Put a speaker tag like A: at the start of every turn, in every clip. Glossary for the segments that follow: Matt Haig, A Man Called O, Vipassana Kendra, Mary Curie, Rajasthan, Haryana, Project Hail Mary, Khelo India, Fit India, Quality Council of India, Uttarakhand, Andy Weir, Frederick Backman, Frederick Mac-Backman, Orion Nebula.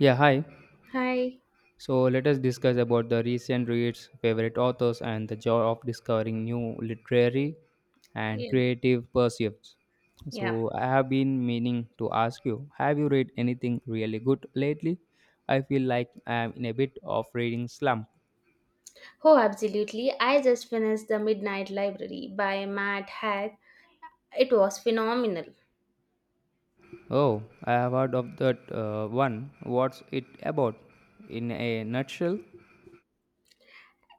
A: Yeah, hi.
B: Hi.
A: So let us discuss about the recent reads, favorite authors, and the joy of discovering new literary and
B: Yeah.
A: creative pursuits.
B: Yeah.
A: So I have been meaning to ask you, have you read anything really good lately? I feel like I am in a bit of reading slump.
B: Oh, absolutely. I just finished The Midnight Library by Matt Haig. It was phenomenal.
A: Oh, I have heard of that one. What's it about? In a nutshell,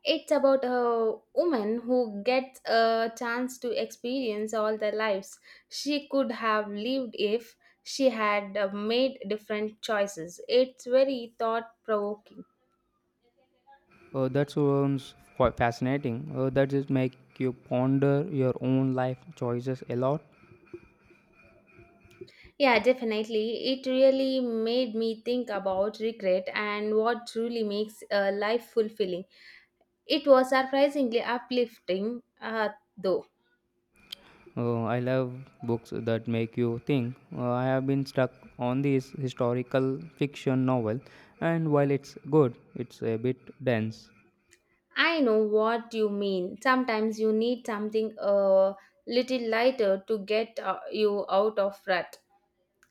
B: It's about a woman who gets a chance to experience all the lives she could have lived if she had made different choices. It's very thought provoking.
A: oh, that sounds quite fascinating. Oh, that just make you ponder your own life choices a lot.
B: Yeah, definitely. It really made me think about regret and what truly makes a life fulfilling. It was surprisingly uplifting though.
A: Oh, I love books that make you think. I have been stuck on this historical fiction novel, and while it's good, it's a bit dense.
B: I know what you mean. Sometimes you need something a little lighter to get you out of rut.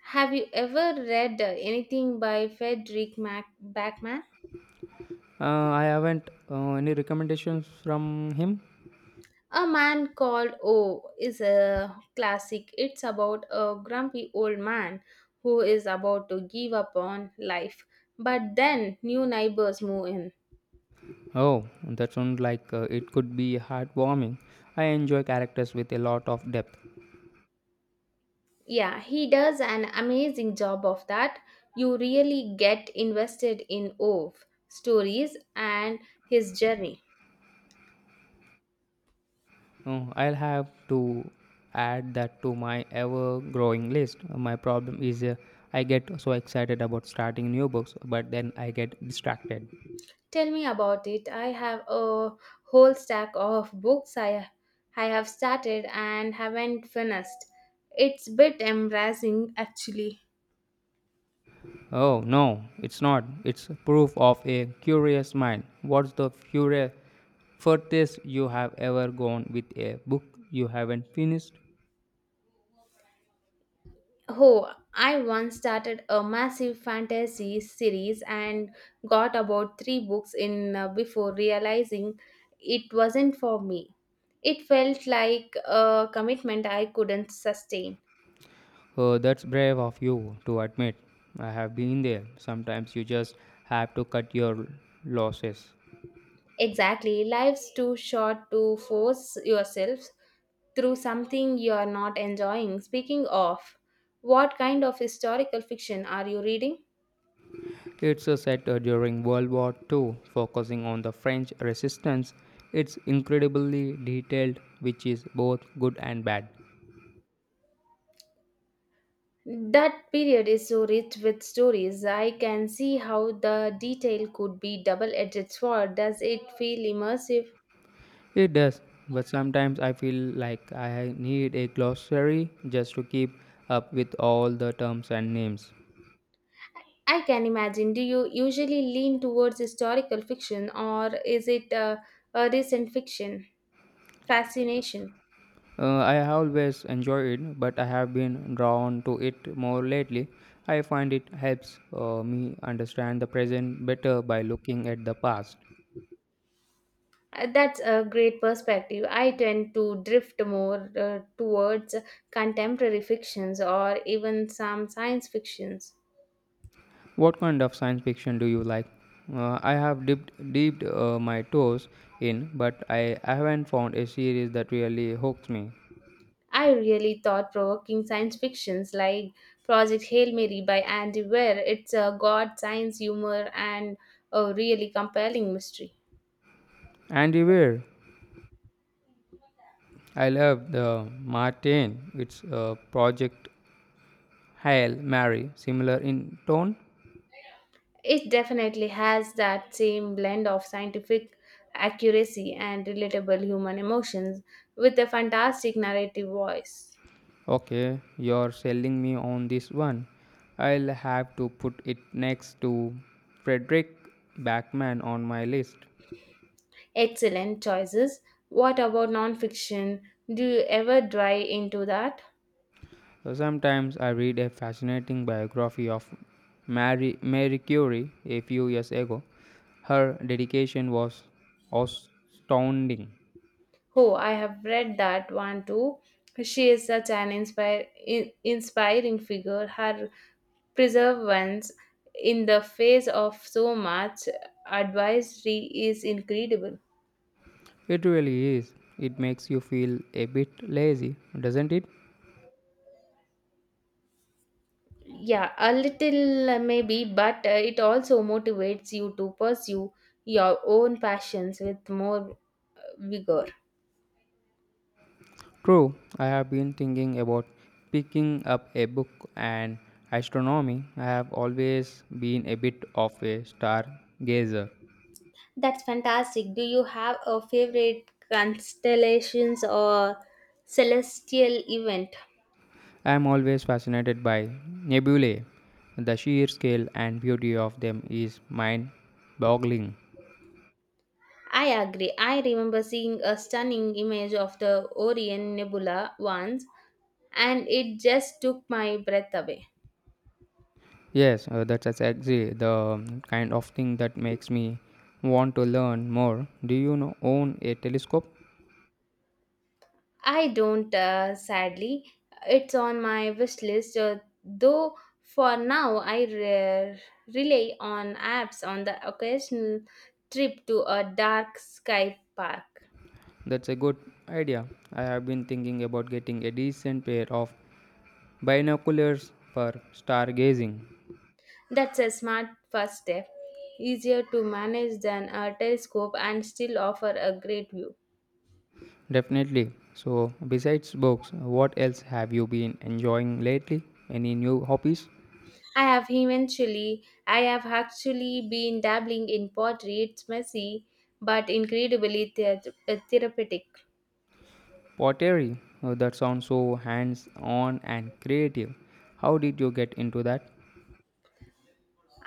B: Have you ever read anything by Frederick Backman?
A: I haven't any recommendations from him.
B: A Man Called O is a classic. It's about a grumpy old man who is about to give up on life, but then new neighbors move in.
A: Oh, that sounds like it could be heartwarming. I enjoy characters with a lot of depth.
B: Yeah, he does an amazing job of that. You really get invested in Ove stories and his journey.
A: Oh, I'll have to add that to my ever-growing list. My problem is I get so excited about starting new books, but then I get distracted.
B: Tell me about it. I have a whole stack of books I have started and haven't finished. It's bit embarrassing actually.
A: Oh, no, it's not. It's proof of a curious mind. What's the furthest you have ever gone with a book you haven't finished?
B: Oh, I once started a massive fantasy series and got about three books in before realizing it wasn't for me. It felt like a commitment I couldn't sustain.
A: Oh, that's brave of you to admit. I have been there. Sometimes you just have to cut your losses.
B: Exactly, life's too short to force yourself through something you're not enjoying. Speaking of, what kind of historical fiction are you reading?
A: It's a set during World War II, focusing on the French resistance. It's incredibly detailed, which is both good and bad.
B: That period is so rich with stories. I can see how the detail could be double-edged sword. Does it feel immersive?
A: It does, but sometimes I feel like I need a glossary just to keep up with all the terms and names.
B: I can imagine. Do you usually lean towards historical fiction or is it a recent fiction? Fascination.
A: I have always enjoyed it, but I have been drawn to it more lately. I find it helps me understand the present better by looking at the past.
B: That's a great perspective. I tend to drift more towards contemporary fictions or even some science fictions.
A: What kind of science fiction do you like? I have dipped my toes in, but I haven't found a series that really hooks me.
B: I really thought provoking science fictions like Project Hail Mary by Andy Weir, it's a god science humor and a really compelling mystery.
A: Andy Weir I love the Martin. It's a project Hail Mary, similar in tone.
B: It definitely has that same blend of scientific accuracy and relatable human emotions with a fantastic narrative voice.
A: Okay, you're selling me on this one. I'll have to put it next to Frederick Backman on my list.
B: Excellent choices. What about nonfiction? Do you ever dry into that?
A: So sometimes I read a fascinating biography of Mary Curie a few years ago. Her dedication was astounding.
B: Oh, I have read that one too. She is such an inspiring figure. Her perseverance in the face of so much advisory is incredible.
A: It really is. It makes you feel a bit lazy, doesn't it?
B: Yeah, a little maybe, but it also motivates you to pursue your own passions with more vigor.
A: True, I have been thinking about picking up a book on astronomy. I have always been a bit of a stargazer.
B: That's fantastic. Do you have a favorite constellations or celestial event?
A: I am always fascinated by nebulae. The sheer scale and beauty of them is mind boggling.
B: I agree. I remember seeing a stunning image of the Orion Nebula once, and it just took my breath away.
A: Yes, that's exactly the kind of thing that makes me want to learn more. Do you know, own a telescope?
B: I don't, sadly. It's on my wish list, though for now I rely on apps on the occasional trip to a dark sky park.
A: That's a good idea. I have been thinking about getting a decent pair of binoculars for stargazing.
B: That's a smart first step, easier to manage than a telescope and still offer a great view.
A: Definitely. So, besides books, what else have you been enjoying lately? Any new hobbies?
B: I have eventually. I have actually been dabbling in pottery. It's messy, but incredibly therapeutic.
A: Pottery. Oh, that sounds so hands on and creative. How did you get into that?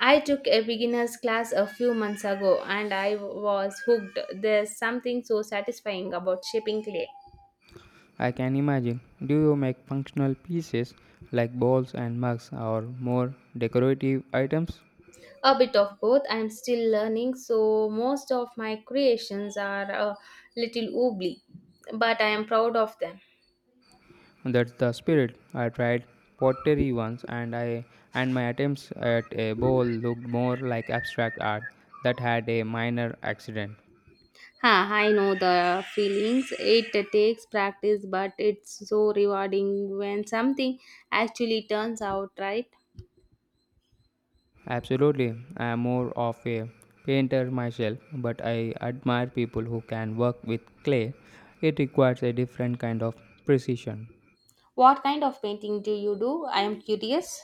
B: I took a beginner's class a few months ago and I was hooked. There's something so satisfying about shaping clay.
A: I can imagine. Do you make functional pieces like bowls and mugs or more decorative items?
B: A bit of both. I'm still learning, so most of my creations are a little wobbly, but I am proud of them.
A: That's the spirit. I tried pottery once and I and my attempts at a bowl looked more like abstract art that had a minor accident.
B: Ha, I know the feelings. It takes practice, but it's so rewarding when something actually turns out right.
A: Absolutely. I am more of a painter myself, but I admire people who can work with clay. It requires a different kind of precision.
B: What kind of painting do you do? I am curious.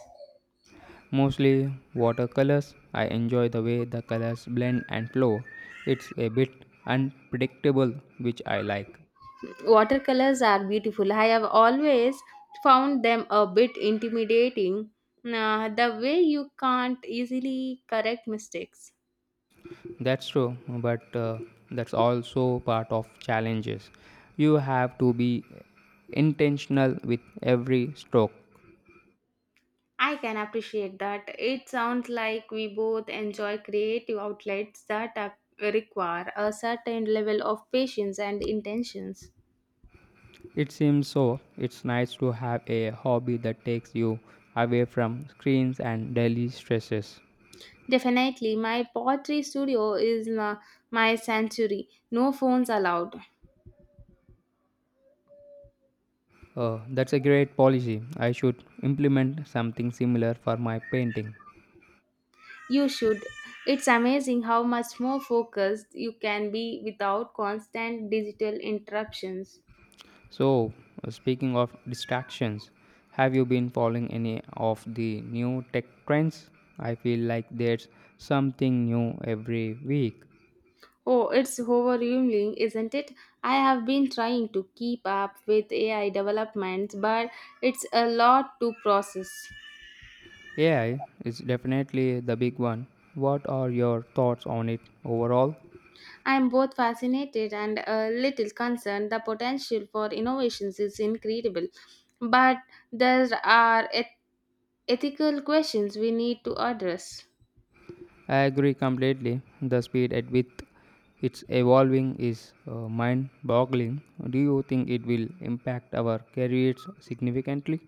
A: Mostly watercolors. I enjoy the way the colors blend and flow. It's a bit unpredictable, which I like.
B: Watercolors are beautiful. I have always found them a bit intimidating. The way you can't easily correct mistakes.
A: That's true, but that's also part of challenges. You have to be intentional with every stroke.
B: I can appreciate that. It sounds like we both enjoy creative outlets that require a certain level of patience and intentions.
A: It seems so. It's nice to have a hobby that takes you away from screens and daily stresses.
B: Definitely, my pottery studio is my sanctuary. No phones allowed.
A: That's a great policy. I should implement something similar for my painting.
B: You should. It's amazing how much more focused you can be without constant digital interruptions.
A: So, speaking of distractions, have you been following any of the new tech trends? I feel like there's something new every week.
B: Oh, it's overwhelming, isn't it? I have been trying to keep up with AI developments, but it's a lot to process.
A: AI is definitely the big one. What are your thoughts on it overall?
B: I'm both fascinated and a little concerned. The potential for innovations is incredible, but there are ethical questions we need to address.
A: I agree completely. The speed at which it's evolving is mind boggling. Do you think it will impact our careers significantly?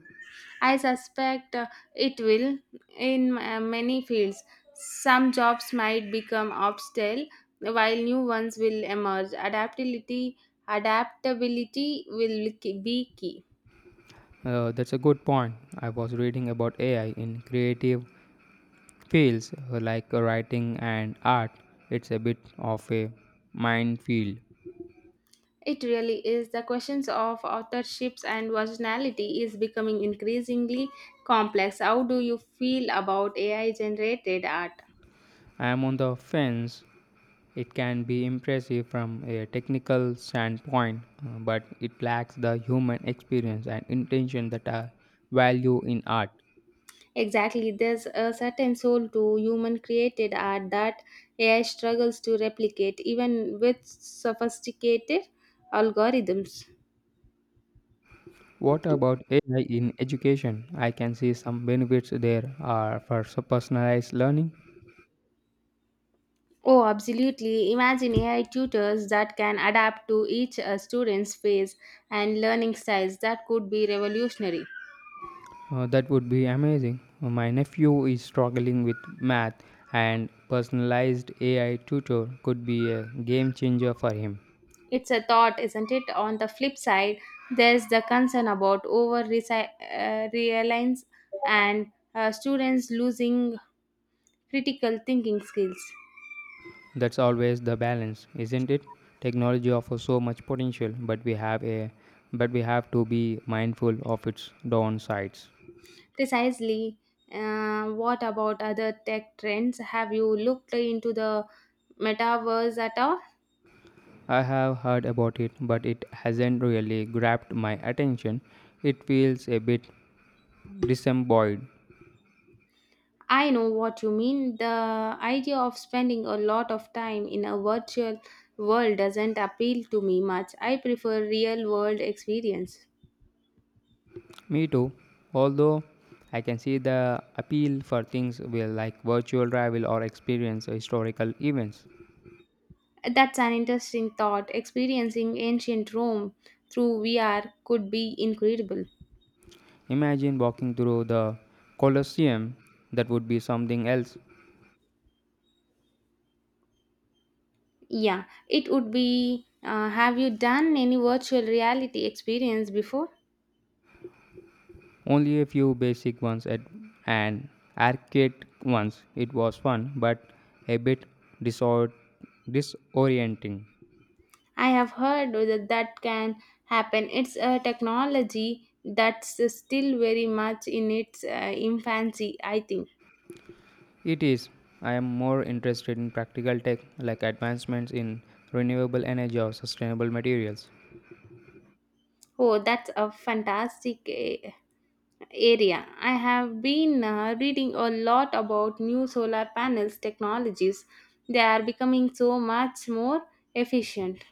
B: I suspect it will in many fields. Some jobs might become obstacles while new ones will emerge. Adaptability will be key.
A: That's a good point. I was reading about AI in creative feels like writing and art. It's a bit of a minefield.
B: It really is. The questions of authorships and originality is becoming increasingly complex. How do you feel about AI generated art?
A: I am on the fence. It can be impressive from a technical standpoint, but it lacks the human experience and intention that I value in art.
B: Exactly, there's a certain soul to human created art that AI struggles to replicate, even with sophisticated algorithms.
A: What about AI in education? I can see some benefits there are for personalized learning.
B: Oh, absolutely. Imagine AI tutors that can adapt to each student's phase and learning styles. That could be revolutionary.
A: That would be amazing. My nephew is struggling with math, and personalized AI tutor could be a game changer for him.
B: It's a thought, isn't it? On the flip side, there's the concern about over reliance and students losing critical thinking skills.
A: That's always the balance, isn't it? Technology offers so much potential, but we have to be mindful of its downsides.
B: Precisely. What about other tech trends? Have you looked into the metaverse at all?
A: I have heard about it, but it hasn't really grabbed my attention. It feels a bit disembodied.
B: I know what you mean. The idea of spending a lot of time in a virtual world doesn't appeal to me much. I prefer real world experience.
A: Me too, although I can see the appeal for things will like virtual travel or experience historical events.
B: That's an interesting thought. Experiencing ancient Rome through VR could be incredible.
A: Imagine walking through the Colosseum, that would be something else.
B: Yeah, it would be. Have you done any virtual reality experience before?
A: Only a few basic ones at and arcade ones. It was fun, but a bit disor- disorienting.
B: I have heard that that can happen. It's a technology that's still very much in its infancy, I think.
A: It is. I am more interested in practical tech like advancements in renewable energy or sustainable materials.
B: Oh, that's a fantastic area. I have been reading a lot about new solar panels technologies. They are becoming so much more efficient.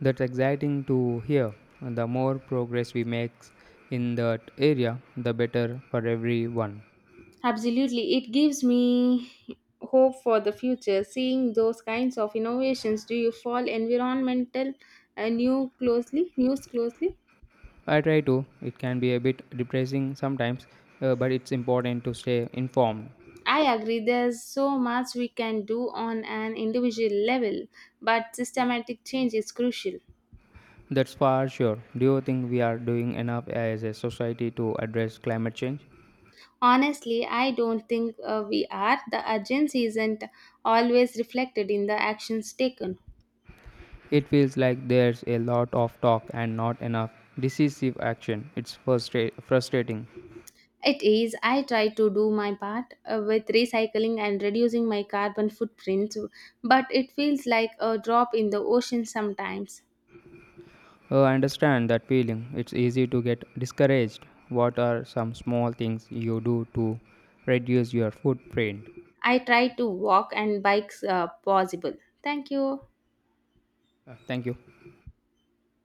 A: That's exciting to hear. The more progress we make in that area, the better for everyone.
B: Absolutely, it gives me hope for the future. Seeing those kinds of innovations, do you follow environmental news closely?
A: I try to. It can be a bit depressing sometimes, but it's important to stay informed.
B: I agree, there's so much we can do on an individual level, but systematic change is crucial.
A: That's for sure. Do you think we are doing enough as a society to address climate change?
B: Honestly, I don't think we are. The urgency isn't always reflected in the actions taken.
A: It feels like there's a lot of talk and not enough decisive action. It's frustrating.
B: It is, I try to do my part with recycling and reducing my carbon footprint, but it feels like a drop in the ocean sometimes.
A: Oh, I understand that feeling. It's easy to get discouraged. What are some small things you do to reduce your footprint?
B: I try to walk and bikes possible. Thank you.
A: Thank you.